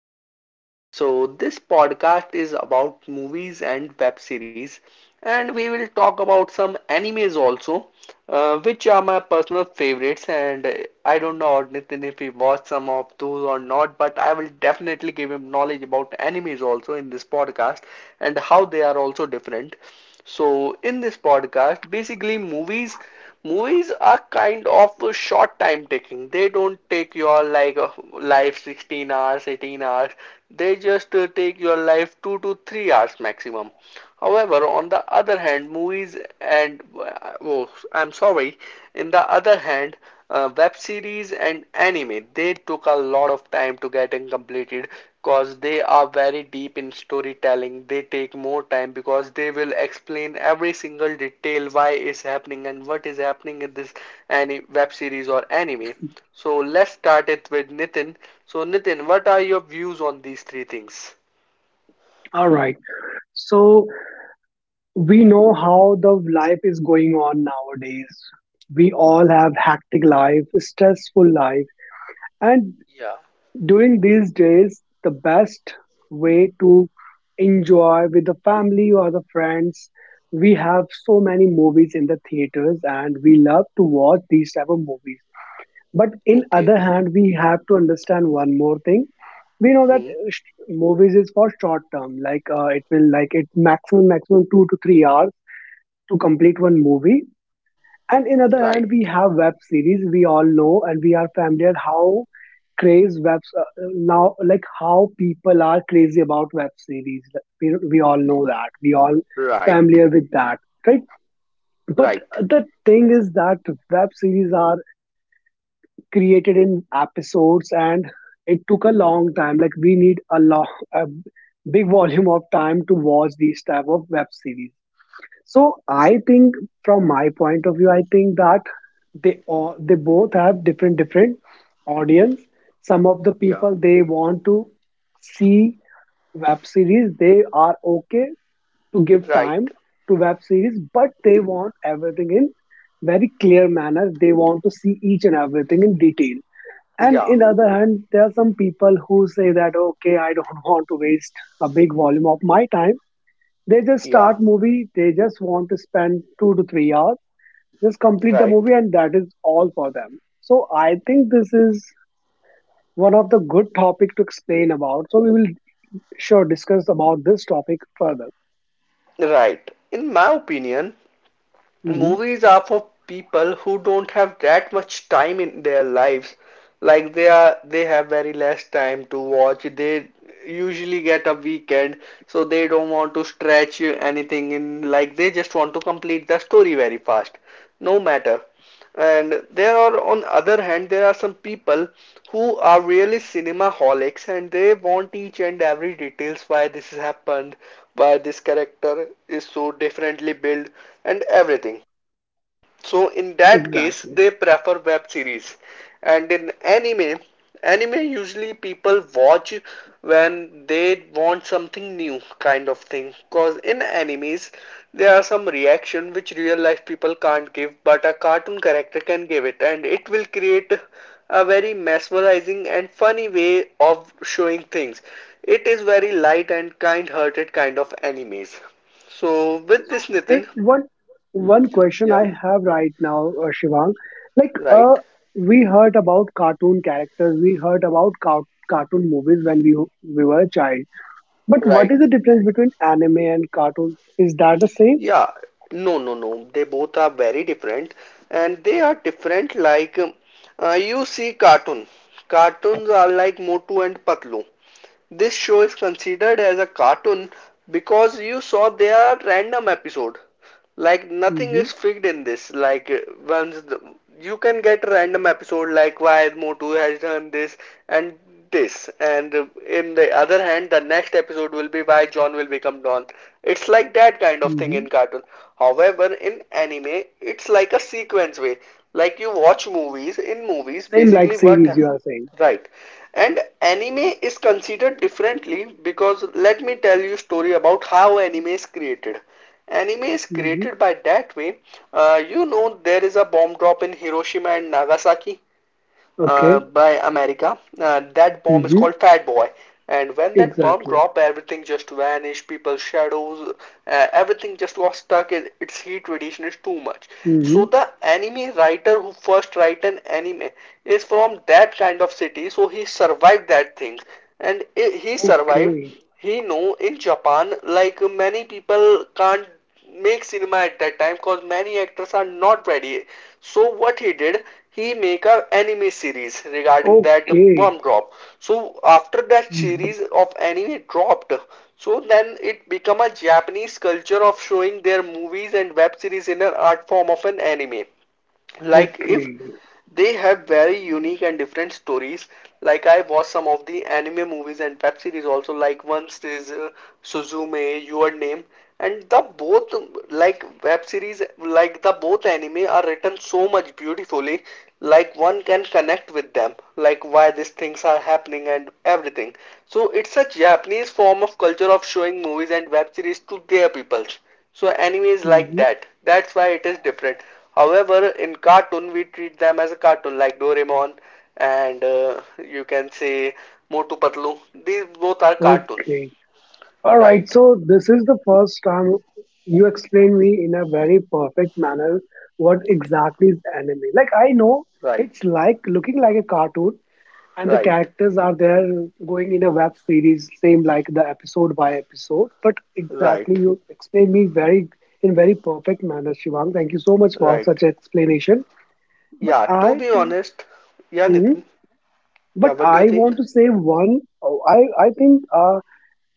podcast. So, this podcast is about movies and web series, and we will talk about some animes also, which are my personal favorites. And I don't know, Nitin, if he watched some of those or not, but I will definitely give him knowledge about animes also in this podcast and how they are also different. So in this podcast, basically movies are kind of short time taking. They don't take your like life 16 hours, 18 hours. They just take your life 2 to 3 hours maximum. However, on the other hand, movies and oh, I'm sorry, in the other hand, web series and anime they took a lot of time to getting completed because they are very deep in storytelling. They take more time because they will explain every single detail why is happening and what is happening in this any web series or anime. So let's start it with Nitin. So Nitin, what are your views on these three things? All right. So we know how the life is going on nowadays. We all have hectic life, stressful life, and Yeah. during these days, the best way to enjoy with the family or the friends. We have so many movies in the theaters, and we love to watch these type of movies. But in other Okay. hand, we have to understand one more thing. We know that Hmm. Movies is for short term. It will like it's maximum 2 to 3 hours to complete one movie. And in other Right. hand, we have web series. We all know and we are familiar how craze webs now, like how people are crazy about web series. Like, we all know that we all Right. familiar with that, right? But Right. the thing is that web series are created in episodes, and it took a long time. Like we need a long, a big volume of time to watch these type of web series. So I think, from my point of view, I think that they all, they both have different audience. Some of the Yeah. people, they want to see web series. They are okay to give Right. time to web series, but they want everything in very clear manner. They want to see each and everything in detail. And Yeah. in other hand, there are some people who say that, okay, I don't want to waste a big volume of my time. They just Yeah. start movie. They just want to spend 2 to 3 hours, just complete the Right. movie, and that is all for them. So I think this is one of the good topic to explain about. So we will sure discuss about this topic further. Right. In my opinion, hmm movies are for people who don't have that much time in their lives. Like they have very less time to watch. They usually get a weekend, so they don't want to stretch anything in. Like they just want to complete the story very fast, no matter. And on other hand, there are some people who are really cinema holics and they want each and every details why this happened, why this character is so differently built, and everything. So in that case, Exactly. they prefer web series. And in anime, anime usually people watch when they want something new kind of thing. Cause in animes, there are some reaction which real life people can't give, but a cartoon character can give it, and it will create a very mesmerizing and funny way of showing things. It is very light and kind-hearted kind of animes. So with this, Eh, Nitin, one one question yeah, I have right now, Shivang, like uh, right, we heard about cartoon characters, we heard about cartoon movies when we were a child. But what is right. the difference between anime and cartoon? Is that the same? Yeah, no, no, no. They both are very different, and they are different. Like you see, cartoon. Cartoons are like Motu and Patlu. This show is considered as a cartoon because you saw their random episode. Like nothing hmm is fixed in this. Once the, you can get random episode like why Motu has done this and this, and in the other hand, the next episode will be why John will become Don. It's like that kind of thing hmm in cartoon. However, in anime, it's like a sequence way. Like you watch movies. In movies, Same like basically what. series you are saying. Right. And anime is considered differently because let me tell you story about how anime is created. Anime is hmm created by that way. You know there is a bomb drop in Hiroshima and Nagasaki Okay. by America. That bomb is hmm called Fat Boy. And when that bomb Exactly. dropped, everything just vanished. People's shadows, everything just was stuck. It, its heat radiation is too much. So hmm the anime writer who first write an anime is from that kind of city. So he survived that thing, and he survived Okay. he know in Japan, like many people can't make cinema at that time because many actors are not ready. So what he did, he make a anime series regarding that Okay. bomb drop. So after that series hmm of anime dropped, so then it become a Japanese culture of showing their movies and web series in an art form of an anime like if Okay. they have very unique and different stories, like I watch some of the anime movies and web series also, like once is Suzume, Your Name, and the both, like web series, like the both anime are written so much beautifully, like one can connect with them like why these things are happening and everything. So it's a Japanese form of culture of showing movies and web series to their peoples. So anime is like hmm that. That's why it is different. However, in cartoon we treat them as a cartoon like Doraemon and you can say Motu Patlu. These both are cartoon. Okay. All right, Right, so this is the first time you explain me in a very perfect manner what exactly is anime. Like I know right, it's like looking like a cartoon and the right, characters are there, going in a web series same like the episode by episode, but exactly right, you explain me very in very perfect manner, Shivang. Thank you so much for right. such explanation. But Yeah, to I be think. honest, yeah, Mhm. Nitin. Yeah, But what do you I think? want to say one. oh, I I think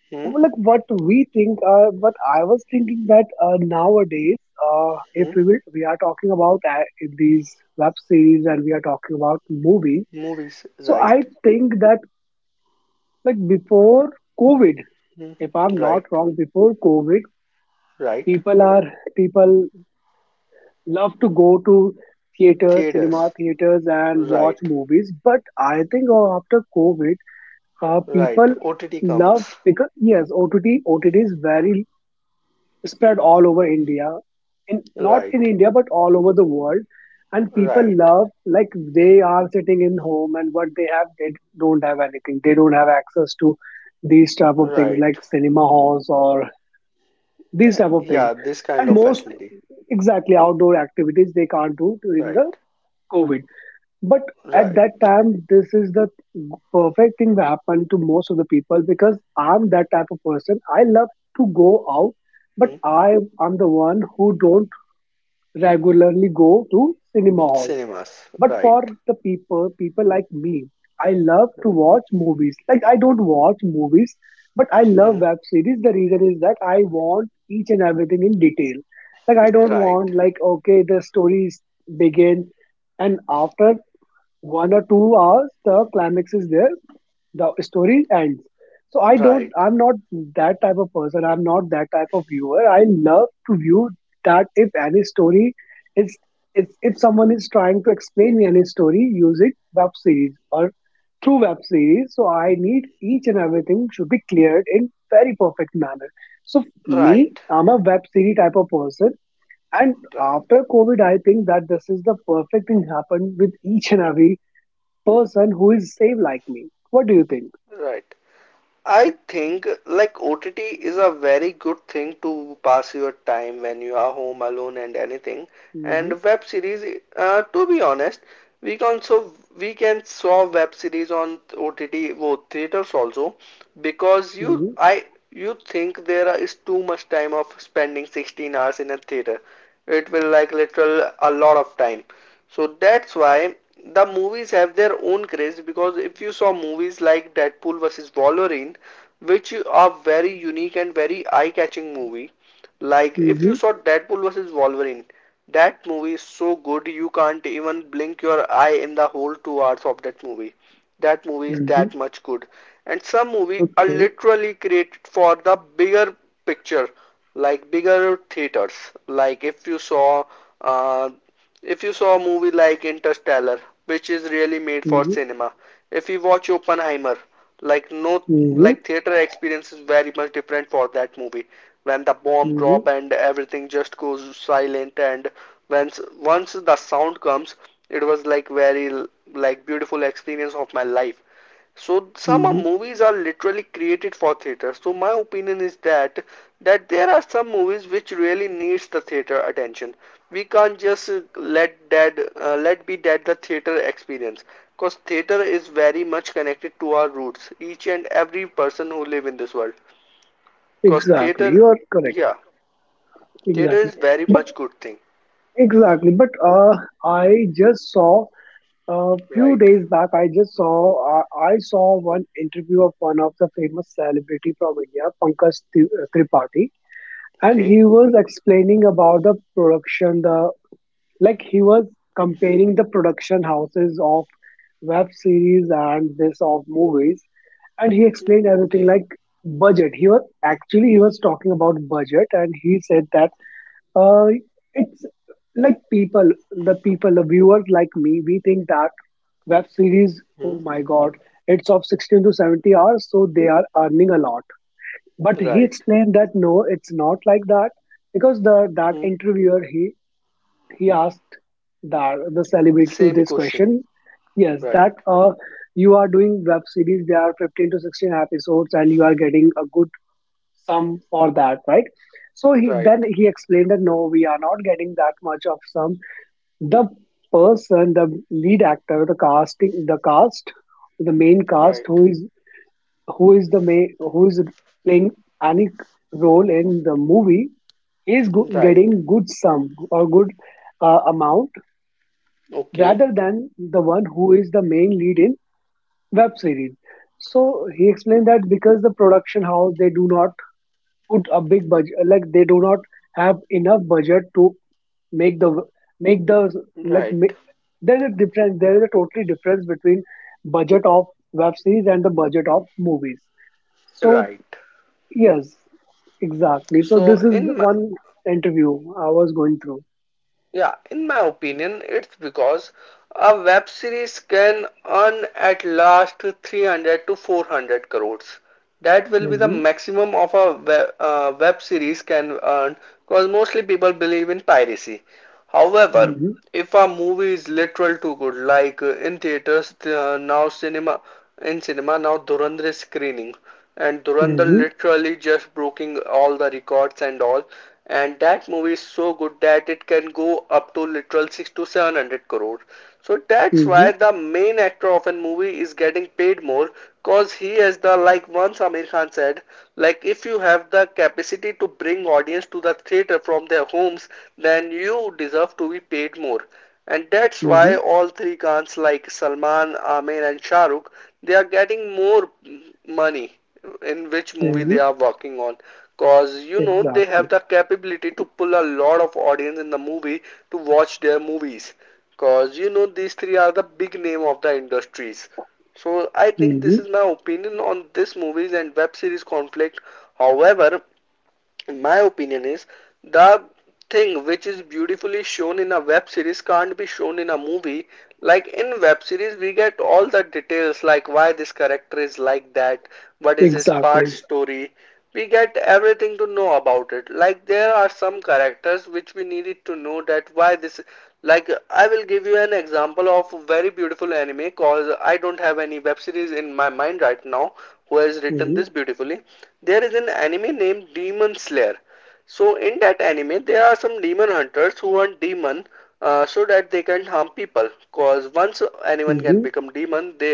Hmm, like what we think, but I was thinking that nowadays, if hmm. we will, we are talking about in these web series and we are talking about movies. Movies, So right, I think that, like before COVID, hmm. if I'm not Right, wrong, before COVID, right. people are people love to go to theater, Theaters, cinema theaters, and watch right, movies. But I think after COVID, right. people OTT love, comes, because yes, OTT is very spread all over India, in, not in right, India but all over the world. And people right. love, like they are sitting in home, and what they have, they don't have anything. They don't have access to these type of things like Right. cinema halls or these Yeah, type of things. yeah, this kind And of most facility. exactly outdoor activities they can't do during Right. the COVID. But at Right. that time, this is the perfect thing that happened to most of the people, because I'm that type of person. I love to go out, but Hmm. I am the one who don't regularly go to cinema halls. Cinemas. But for Right. the people, people like me, I love to watch movies. Like I don't watch movies, but I love Hmm. web series. The reason is that I want each and everything in detail. Like I don't Right. want, like okay, the stories begin and after 1 or 2 hours the climax is there, the story ends. So Right. I'm not that type of person, I'm not that type of viewer. I love to view that if any story is, if someone is trying to explain me any story using web series or through web series, so I need each and everything should be cleared in very perfect manner. So me, Right. I'm a web series type of person. And Right. after COVID, I think that this is the perfect thing happened with each and every person who is same like me. What do you think? Right. I think like OTT is a very good thing to pass your time when you are home alone and anything. Mm-hmm. And web series, to be honest, we can so we can saw web series on OTT, well, theaters also, because Mm-hmm. You think there is too much time of spending 16 hours in a theater. It will like literal a lot of time. So that's why the movies have their own craze because if you saw movies like Deadpool vs. Wolverine, which are very unique and very eye-catching movie, like if you Mm-hmm. saw Deadpool vs. Wolverine, that movie is so good you can't even blink your eye in the whole 2 hours of that movie. That movie is Mm-hmm. that much good. And some movies are Okay. literally created for the bigger picture, like bigger theaters. Like uh, if you saw a movie like Interstellar, which is really made for Mm-hmm. cinema, if you watch Oppenheimer, like no, Mm-hmm. like theater experience is very much different for that movie. When the bomb Mm-hmm. drop and everything just goes silent and once the sound comes, it was like very like beautiful experience of my life. So some Mm-hmm. movies are literally created for theater. So my opinion is that there are some movies which really needs the theater attention. We can't just let that let be that the theater experience because theater is very much connected to our roots. Each and every person who live in this world because Exactly, theater, you are correct. yeah, theater Exactly, is very but much good thing, exactly, but I just saw a few right, days back. I just saw I saw one interview of one of the famous celebrity from India, Pankaj Tripathi, and okay, he was explaining about the production, the. Like he was comparing the production houses of web series and this of movies, and he explained everything okay, like budget. He was actually he was talking about budget, and he said that uh, it's like people, the viewers like me, we think that web series, hmm. oh my god, it's of 16 to 70 hours, so they are earning a lot. But he Right, explained that no, it's not like that, because the that hmm. interviewer he asked that the celebrity to Same this question, question. Yes, right, that you are doing web series. There are 15 to 16 episodes, and you are getting a good sum for that, right? So he, right, then he explained that no, we are not getting that much of sum. The person, the lead actor, the casting, the cast, the main cast, right. who is, who is the main, who is playing any role in the movie, is Right. getting good sum or good amount Okay. rather than the one who is the main lead in web series. So he explained that because the production house they do not put a big budget, like they do not have enough budget to make the make the like Right. There's a difference. There is a totally difference between budget of web series and the budget of movies. So Right. yes, exactly. So So this is the in my, one interview I was going through. yeah, in my opinion, it's because a web series can earn at last 300 to 400 crores. That will be the Mm-hmm, maximum of a web series can earn because mostly people believe in piracy. However, mm-hmm, if a movie is literal too good, in theaters now cinema in cinema now Dhurandhar is screening, and Durandal mm-hmm, literally just breaking all the records and all. And that movie is so good that it can go up to literal six to seven hundred crore. So that's why the main actor of a movie is getting paid more because he has the like once Amir Khan said, like if you have the capacity to bring audience to the theater from their homes, then you deserve to be paid more. And that's mm-hmm, why all three Khans like Salman, Aamir and Shah Rukh, they are getting more money in which movie mm-hmm. they are working on. Cause you know they Exactly. have the capability to pull a lot of audience in the movie to watch their movies. Cause you know these three are the big name of the industries. So I think hmm this is my opinion on this movies and web series conflict. However, my opinion is the thing which is beautifully shown in a web series can't be shown in a movie. Like in web series, we get all the details like why this character is like that, what is his part Exactly. story, we get everything to know about it, like there are some characters which we needed to know that why this, like I will give you an example of a very beautiful anime cause I don't have any web series in my mind right now who has written hmm this beautifully. There is an anime named Demon Slayer. So in that anime there are some demon hunters who hunt demon, so that they can harm people cause once anyone can hmm become demon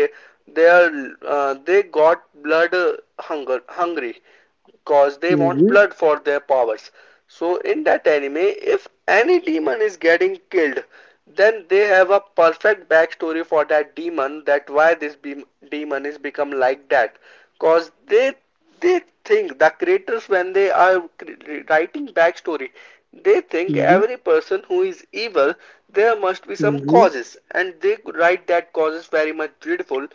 they are they got blood hunger hungry because they want hmm blood for their powers. So in that anime, if any demon is getting killed, then they have a perfect backstory for that demon that why demon is become like that because they think the creators when they are writing backstory, they think hmm every person who is evil there must be some hmm causes and they write that causes very much dreadful.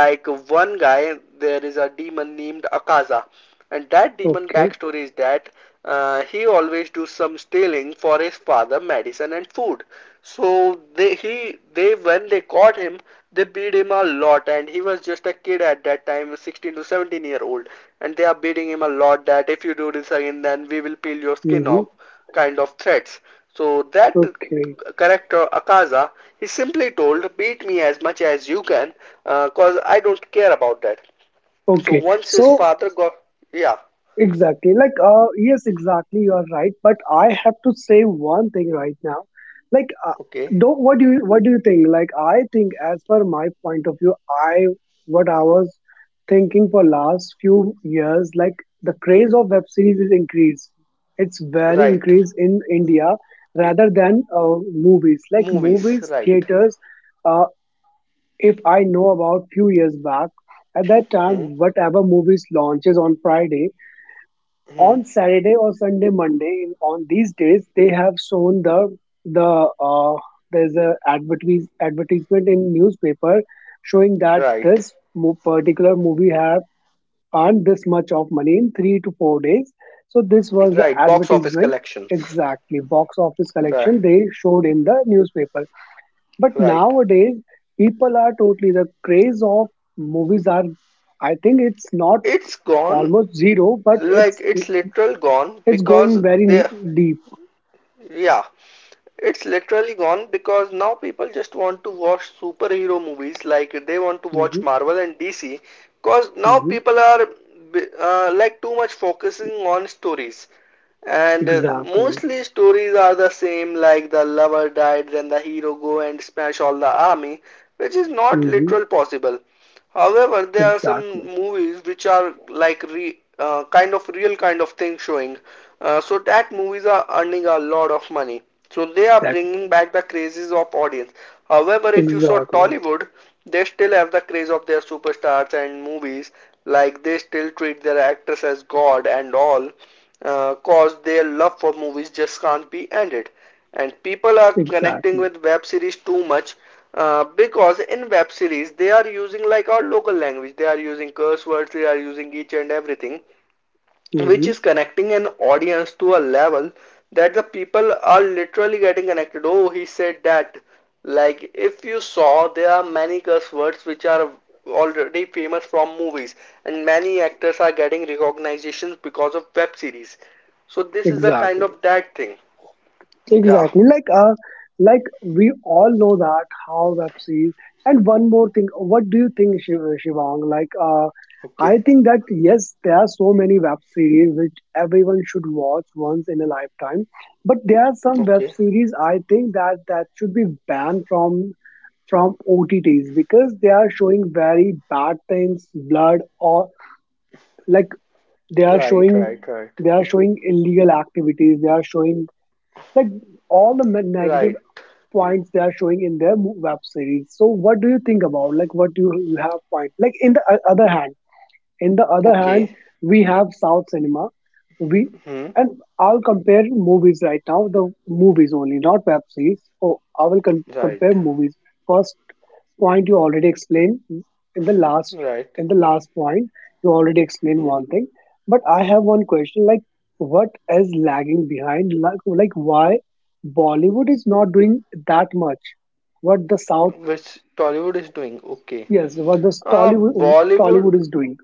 Like one guy, there is a demon named Akaza, and that demon Okay. backstory is that he always do some stealing for his father medicine and food. So they when they caught him, they beat him a lot, and he was just a kid at that time, 16 to 17 year old, and they are beating him a lot that if you do this again, then we will peel your skin hmm off, kind of threats. So that Okay. character Akaza, he simply told, beat me as much as you can, cause I don't care about that. So Okay. once his So, father got, yeah. exactly. Like, yes, exactly. You are right. But I have to say one thing right now. Like, Okay. don't, what do you think? Like, I think as per my point of view, I, what I was thinking for last few years, like the craze of web series is increased. It's very Right. increased in India rather than movies. Like Movies. movies, Right. theaters, uh, if I know about few years back, at that time, Hmm. whatever movies launches on Friday, Hmm. on Saturday or Sunday, Monday, in, on these days, they have shown the the uh, there's a advertisement in newspaper showing that Right. this particular movie have earned this much of money in 3 to 4 days. So this was the Right. Box office advertisement, collections. exactly box office Right. collection they showed in the newspaper. But Right. nowadays, people are totally the craze of movies are. I think it's not It's gone. almost zero, but Like it's it's literal gone it's because going very they deep. yeah, it's literally gone because now people just want to watch superhero movies like they want to watch hmm Marvel and DC because now hmm people are like too much focusing on stories. And Exactly. mostly stories are the same, like the lover died, then the hero go and smash all the army, which is not hmm literal possible. However, there are some Exactly. movies which are like kind of real kind of thing showing. So that movies are earning a lot of money. So they are Exactly. bringing back the crazes of audience. However, if you saw Exactly. Tollywood, they still have the craze of their superstars and movies. Like they still treat their actors as god and all, cause their love for movies just can't be ended. And people are connecting Exactly. with web series too much because in web series they are using like our local language. They are using curse words. They are using each and everything which hmm is connecting an audience to a level that the people are literally getting connected. Oh, he said that. Like, if you saw, there are many curse words which are already famous from movies, and many actors are getting recognitions because of web series. So, this is the kind Exactly. of that thing. Yeah. Exactly. Like we all know that how web series. And one more thing, what do you think, Shivang? I Okay. think that yes, there are so many web series which everyone should watch once in a lifetime. But there are some web Okay. series I think that that should be banned from OTTs because they are showing very bad things, blood, or like they are Right, showing right, right. they are showing illegal activities. They are showing like all the negative Right. points they are showing in their web series. So what do you think about, like what do you, you have point, like in the other hand, in the other hand Okay. we have south cinema. we Hmm. and I'll compare movies right now. The movies only, not web series. Oh, I will Right. compare movies first. Point you already explained in the last, Right. in the last point you already explained Hmm. one thing, but I have one question, like what is lagging behind, like why Bollywood is not doing that much what the south, Which Tollywood is doing. Okay. yes, what the tollywood Bollywood, tollywood is doing.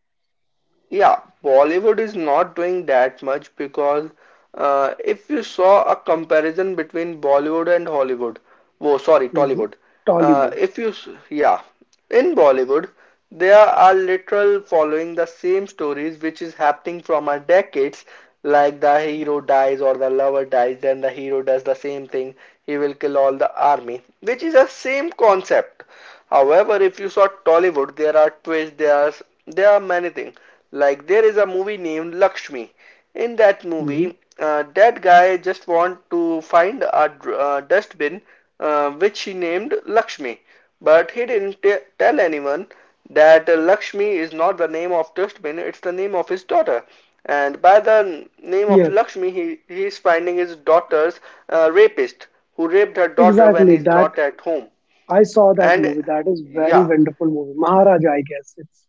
yeah, Bollywood is not doing that much because if you saw a comparison between Bollywood and Hollywood, oh, sorry, Mhm. Tollywood, Tollywood. if you, s- yeah, in Bollywood, they are literal following the same stories which is happening from our decades, like the hero dies or the lover dies, then the hero does the same thing, he will kill all the army, which is a same concept. However, if you saw Tollywood, there are twists, there are many things. Like there is a movie named Lakshmi. In that Mhm. movie, that guy just want to find a dustbin which he named Lakshmi, but he didn't tell anyone that Lakshmi is not the name of dustbin; it's the name of his daughter. And by the name of Yes, Lakshmi, he is finding his daughter's rapist who raped her daughter when exactly he's that. not at home. I saw that And movie. That is very yeah, wonderful movie. Maharaja, I guess it's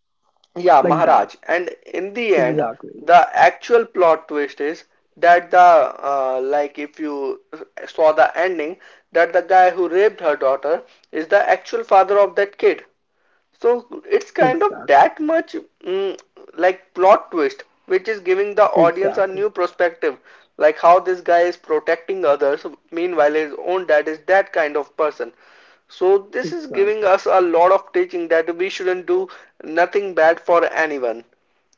yeah, like that. Maharaj. And in the end, Exactly. the actual plot twist is that the like if you saw the ending, that the guy who raped her daughter is the actual father of that kid. So it's kind of Exactly. that much mm, like plot twist, which is giving the audience a Exactly. new perspective, like how this guy is protecting others, meanwhile his own dad is that kind of person. So this is giving Exactly. us a lot of teaching that we shouldn't do nothing bad for anyone.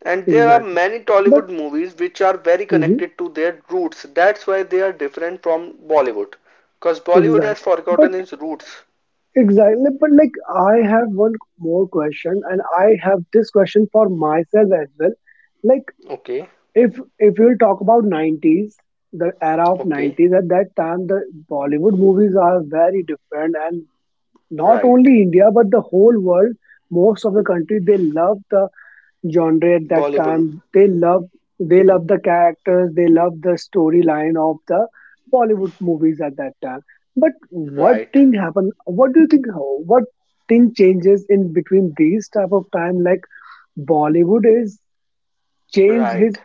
And there are Exactly. many Tollywood But movies which are very mhm, connected to their roots. That's why they are different from Bollywood. Because Bollywood has exactly. But forgotten its roots. exactly. But like I have one more question, and I have this question for myself as well. Like Okay, if you'll talk about nineties, the era of okay, nineties, at that time the Bollywood movies are very different, and not right. only India but the whole world. Most of the country they love the genre at that Bollywood, time. They love the characters. They love the storyline of the Bollywood movies at that time. But what right, thing happened? What do you think? What thing changes in between these type of time? Like Bollywood is change right, his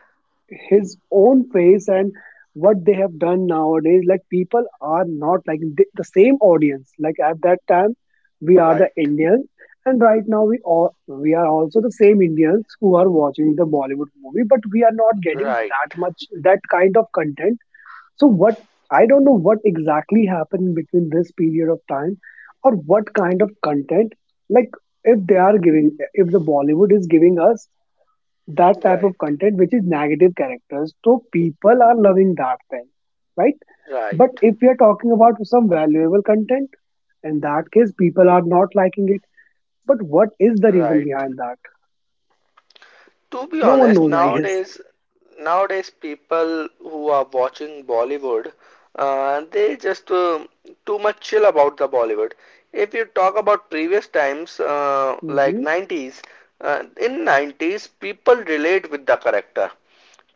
his own face, and what they have done nowadays. Like people are not like the same audience. Like at that time we are the right, Indians, and right now we all we are also the same Indians who are watching the Bollywood movie, but we are not getting right, that much, that kind of content. So what, I don't know what exactly happened between this period of time, or what kind of content. Like if they are giving, if the Bollywood is giving us that type of content which is negative characters, so people are loving that thing, right? right, right, But if we are talking about some valuable content, in that case people are not liking it. But what is the reason right. behind that? To be No one honest, knows, I guess. Nowadays people who are watching Bollywood, they just too much chill about the Bollywood. If you talk about previous times, like Mm-hmm. 90s, in 90s people relate with the character.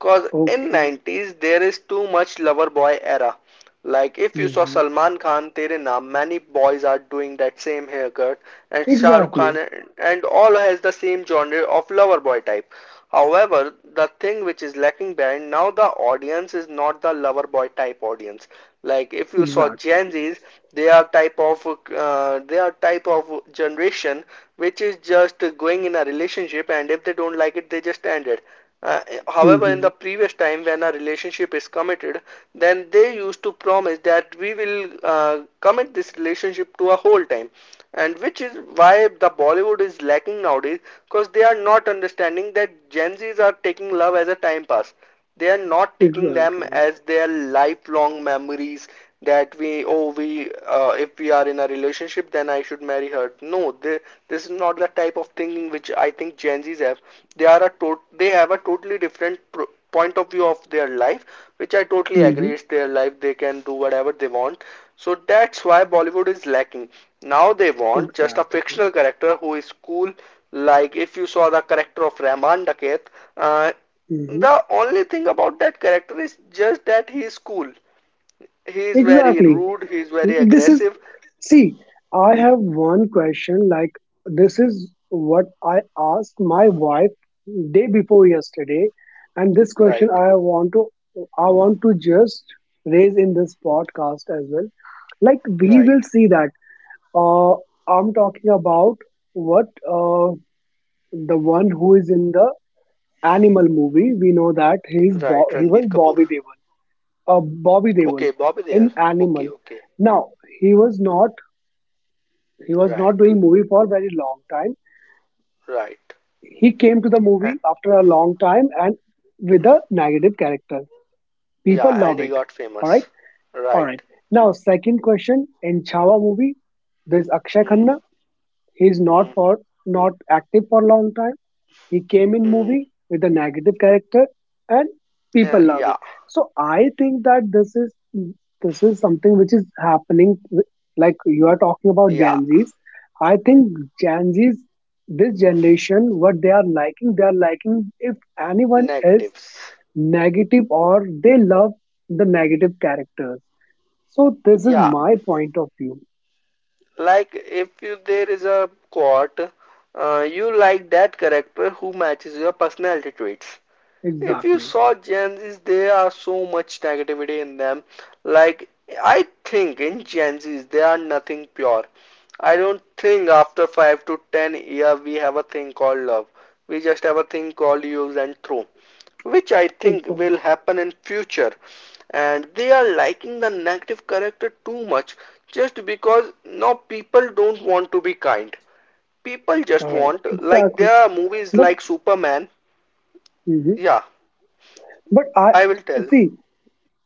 Cause in Okay. 90s there is too much lover boy era. Like if you saw Mm-hmm. Salman Khan Tere Naam, many boys are doing that same haircut, and Shah Rukh Khan Exactly. and all has the same genre of lover boy type. However, the thing which is lacking behind now the audience is not the lover boy type audience. Like if you saw Exactly. Gen Zs, they are type of they are type of generation which is just going in a relationship, and if they don't like it, they just end it. Uh, however, in Mm-hmm. the previous time when a relationship is committed, then they used to promise that we will commit this relationship to a whole time, and which is why the Bollywood is lacking nowadays because they are not understanding that Gen Zs are taking love as a time pass, they are not taking them Exactly. as their lifelong memories, that we oh we if we are in a relationship then I should marry her. This is not the type of thinking which I think Gen Z's have. They are they have a totally different point of view of their life, which I totally Mm-hmm. agree it's their life they can do whatever they want. So that's why Bollywood is lacking. Now they want just a Exactly. fictional character who is cool, like if you saw the character of Rahman Daket, uh, Mm-hmm. the only thing about that character is just that he is cool. He is very Exactly. rude, he is very this is aggressive. See, I have one question, like this is what I asked my wife day before yesterday, and this Right, question I want to, I want to just raise in this podcast as well. Like we right, will see that, uh I'm talking about what, the one who is in the Animal movie. We know that right. He was Ranbir Kapoor. Bobby Deol. Bobby Deol Okay, Bobby Deol. in Animal. Okay, okay. Now he was not He was not Right, doing movie for a very long time. right. He came to the And, movie after a long time, and with a negative character. yeah, People and love he it. got All right. famous. All Right. right. Now, second question, in Chhawa movie, there's Akshay Hmm, Khanna. He's hmm, not for not active for a long time. He came in hmm. movie with a negative character, and people Yeah, love yeah, it. So I think that this is something which is happening. Like you are talking about yeah. Gen Zs, I think Gen Zs, this generation, what they are liking, they are liking, if anyone is Negatives. negative or they love the negative characters. So this is Yeah, my point of view. like if you there is a quote, you like that character who matches your personality traits. If you Exactly. saw Gen Zs, there are so much negativity in them. Like, I think in Gen Zs, they are nothing pure. I don't think after 5 to 10 year we have a thing called love. We just have a thing called use and throw, which I think will Exactly. happen in future. And they are liking the negative character too much just because now people don't want to be kind. People just All right. want, like, Exactly. there are movies But like Superman. mhm. Yeah, but I I will tell. see,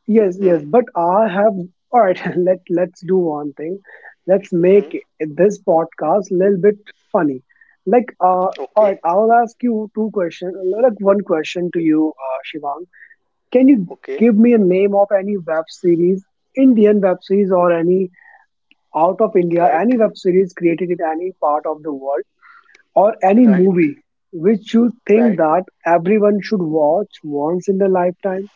yes, Hmm. yes, but I have all right, let's do one thing. Let's Hmm. make this podcast a little bit funny. Like all Okay. right, I'll ask you two questions, like one question to you, Shivang. Can you Okay. give me a name of any web series, Indian web series, or any out of India, any Right. web series created in any part of the world, or any Right. movie which you think Right. that everyone should watch once in their lifetime?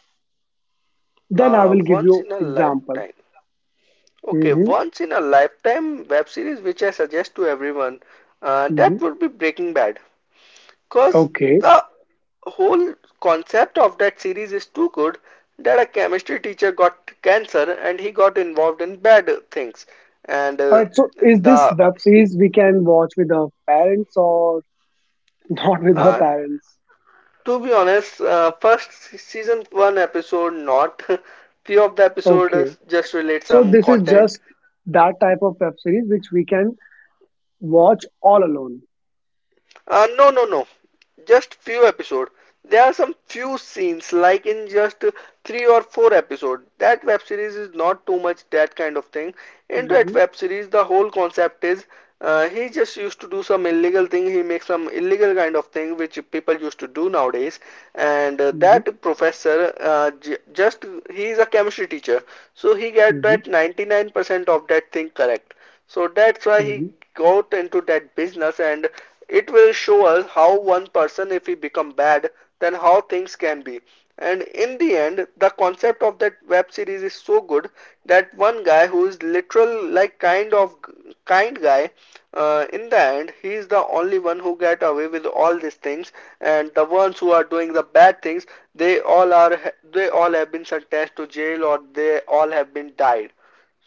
Then I will give Once you in a example. lifetime. Okay. Hmm. Once in a lifetime web series which I suggest to everyone. That Hmm. would be Breaking Bad. Cause Okay. the whole concept of that series is too good that a chemistry teacher got cancer and he got involved in bad things. And All right. So is this the web series we can watch with our parents, or not with our uh, parents? To be honest, first season one episode, not few of the Okay. episodes just relate So some this is content. just that type of web series which we can watch all alone. No, no, no. Just few episode. There are some few scenes, like in just three or four episode. That web series is not too much that kind of thing. In that Hmm. web series, the whole concept is he just used to do some illegal thing. He makes some illegal kind of thing which people used to do nowadays. And Hmm. that professor, j just he is a chemistry teacher, so he get Hmm. that 99% of that thing correct. So that's why he Hmm. got into that business, and it will show us how one person if he become bad then how things can be. And in the end the concept of that web series is so good that one guy who is literal like kind of kind guy, in the end he is the only one who get away with all these things, and the ones who are doing the bad things, they all are they all have been sentenced to jail or they all have been died.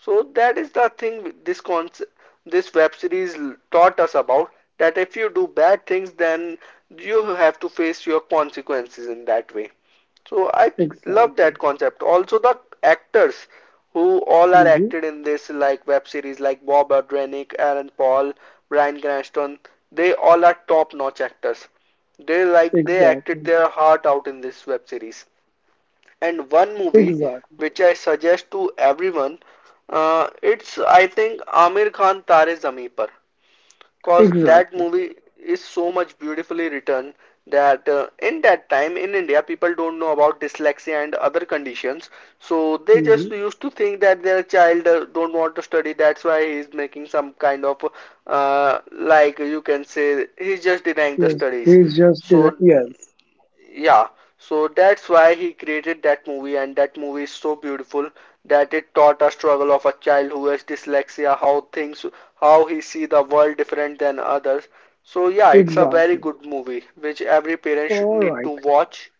So that is the thing, this concept, this web series taught us about that if you do bad things, then you have to face your consequences in that way. So I love Exactly. that concept. Also, the actors who all are Hmm. acted in this like web series, like Bob Odenkirk, Aaron Paul, Bryan Cranston, they all are top-notch actors. They like they acted Exactly. their heart out in this web series. And one movie Exactly. which I suggest to everyone, it's I think Amir Khan Tare Zameen Par, cause that Exactly. movie is so much beautifully written that in that time in India people don't know about dyslexia and other conditions, so they just Hmm. used to think that their child don't want to study. That's why he is making some kind of like you can say he's just denying the Yes. studies. He's just in a So yes. yeah, so that's why he created that movie, and that movie is so beautiful that it taught a struggle of a child who has dyslexia, how things, how he see the world different than others. So yeah, it's a very Exactly. good movie which every parent should All need to right. watch.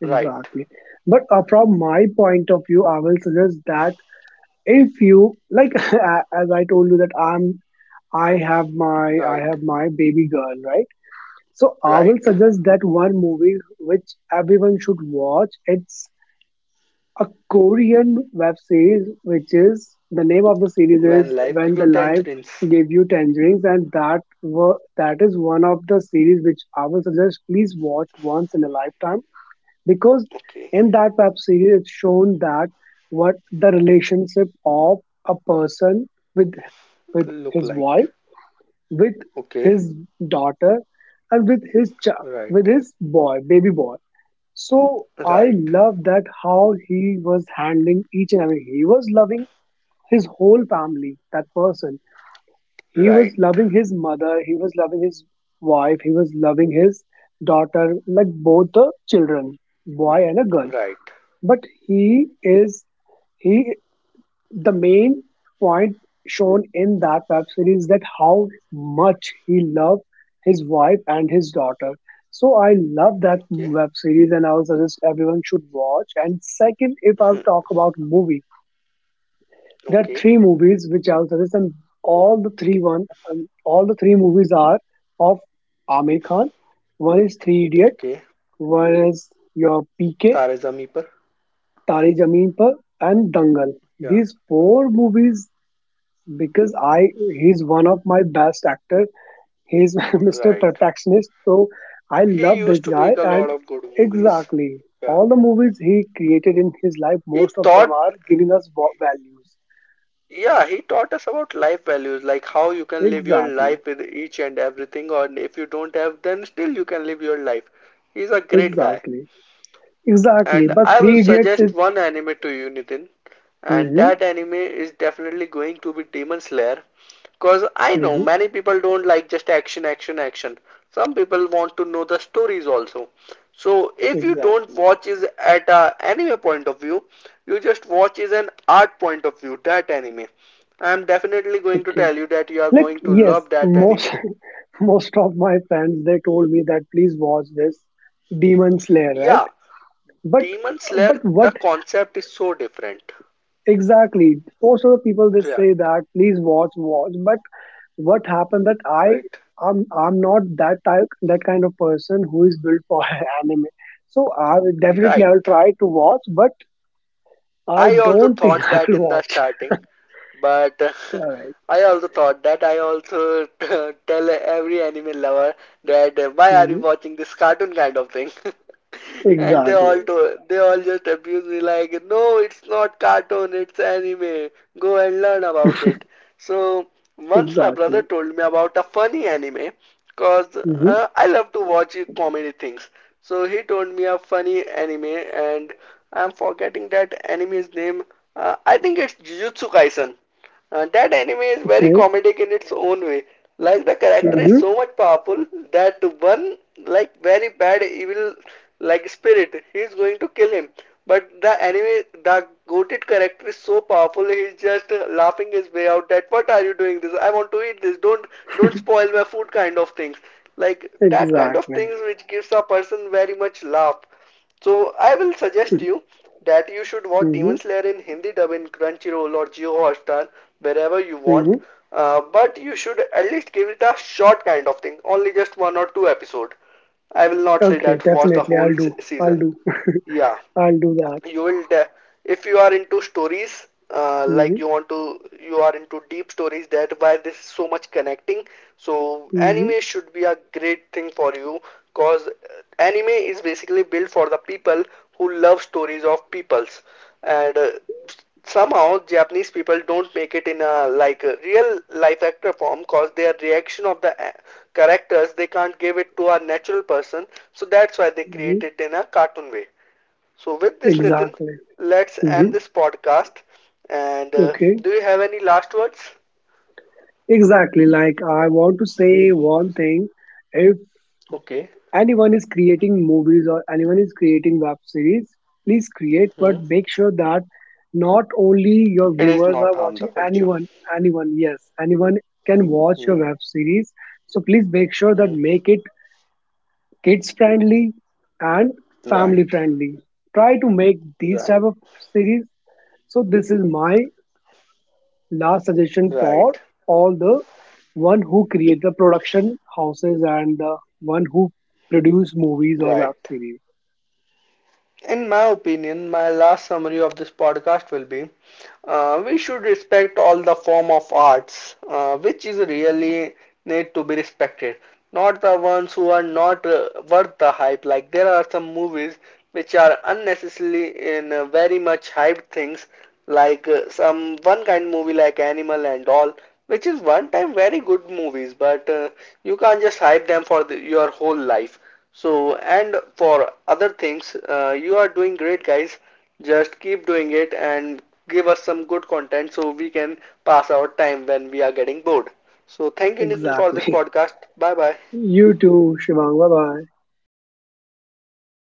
Right, Exactly. But from my point of view, I will suggest that if you like, as I told you that I have my, I right, have my baby girl, right? So I right. will suggest that one movie which everyone should watch. It's a Korean web series, which is the name of the series When is life When give you the Life tangerines. Gave You Tangerines, and that is one of the series which I will suggest. Please watch once in a lifetime, because Okay. in that web series it's shown that what the relationship of a person with with Look his like. wife, with Okay. his daughter, and with Right. his boy, baby boy. So I Right. love that, how he was handling each and every, he was loving his whole family, that person. He was Right. loving his mother, he was loving his wife, he was loving his daughter, like both the children, boy and a girl. Right. But he is he the main point shown in that web series, that how much he loved his wife and his daughter. So I love that Okay. web series, and I would suggest everyone should watch. And second, if I Hmm. talk about movie, there are Okay. three movies which I would suggest, and all the three one all the three movies are of Amir Khan. One is Three Idiot, Okay. one is your PK, Tare Zameen पर तारी Zameen Par, and Dangal. या These four movies, because I he's one of my best actor. He's Mr. Right. Perfectionist, so I He love used this to guy. make a lot And of good movies. exactly, Yeah. all the movies he created in his life, He most of them taught, are giving us values. yeah, he taught us about life values, like how you can live your Exactly, life with each and everything, or if you don't have, then still you can live your life. He's a great guy. exactly, exactly. And But I will Three Idiots suggest is one anime to you, Nitin. And mm-hmm, that anime is definitely going to be Demon Slayer. Because I know mm-hmm, many people don't like just action, action, action. Some people want to know the stories also. So if you don't exactly. watch is at a anime point of view, you just watch is an art point of view, that anime. I am definitely going to Okay. tell you that you are Like, going to yes, love that most anime. most of my friends they told me that please watch this Demon Slayer, right? Yeah, But Demon Slayer, the what concept is so different. exactly? Most of the people they say Right, that please watch, but what happened that I right, I'm I'm not that kind of person who is built for anime. So right. I will try to watch, but I I also don't think thought I that will in the watch. starting, but All right. I also thought that I also tell every anime lover that why are you Mhm. watching this cartoon kind of thing? And Exactly. They all just abuse me like, no, it's not cartoon, it's anime. Go and learn about it. So once my brother Exactly. told me about a funny anime, cause Hmm. I love to watch comedy things. So he told me a funny anime, and I'm forgetting that anime's name. I think it's Jujutsu Kaisen. That anime is very Okay. comedic in its own way. Like the character is Hmm. so much powerful that one, like, very bad evil like spirit he is going to kill him. But the anime, the goated character is so powerful, he's just laughing his way out that what are you doing this? I want to eat this. Don't spoil my food kind of things. Like that kind of Exactly. things which gives a person very much laugh. So I will suggest you that you should watch Mm-hmm, Demon Slayer in Hindi dub in Crunchyroll or Jio Hotstar wherever you mm-hmm. want. But you should at least give it a short kind of thing, only just one or two episode. I will not say Okay, that watch the definitely. whole I'll do. I'll season. do. Yeah, I'll do that. you will, if you are into stories, like Mm-hmm, you want to, you are into deep stories, that why this is so much connecting. So mm-hmm, anime should be a great thing for you, cause anime is basically built for the people who love stories of peoples, and somehow japanese people don't make it in a like a real life actor form, cause their reaction of the characters they can't give it to a natural person, so that's why they create mm-hmm. it in a cartoon way. So, with this, Nitin, Exactly. let's end Mm-hmm. this podcast. And Okay, do you have any last words? exactly. Like, I want to say one thing. If Okay. anyone is creating movies, or anyone is creating web series, please create, but Hmm. make sure that not only your It is viewers not are harm the watching, culture. anyone, anyone, yes, anyone can watch Hmm. your web series. So please make sure that Hmm. make it kids friendly and family Right. friendly. Try to make these Right. type of series. So this is my last suggestion for Right. all the one who create the production houses, and the one who produce movies or Right. web series. In my opinion, my last summary of this podcast will be we should respect all the form of arts, which is really need to be respected, not the ones who are not worth the hype, like there are some movies which are unnecessarily in very much hyped things, like some one kind movie like animal and all, which is one time very good movies, but you can't just hype them for the, your whole life. So, and for other things, you are doing great, guys. Just keep doing it and give us some good content so we can pass our time when we are getting bored. So, thank you, Nitin, for this Exactly. podcast. Bye bye. You too, Shivang. Bye bye.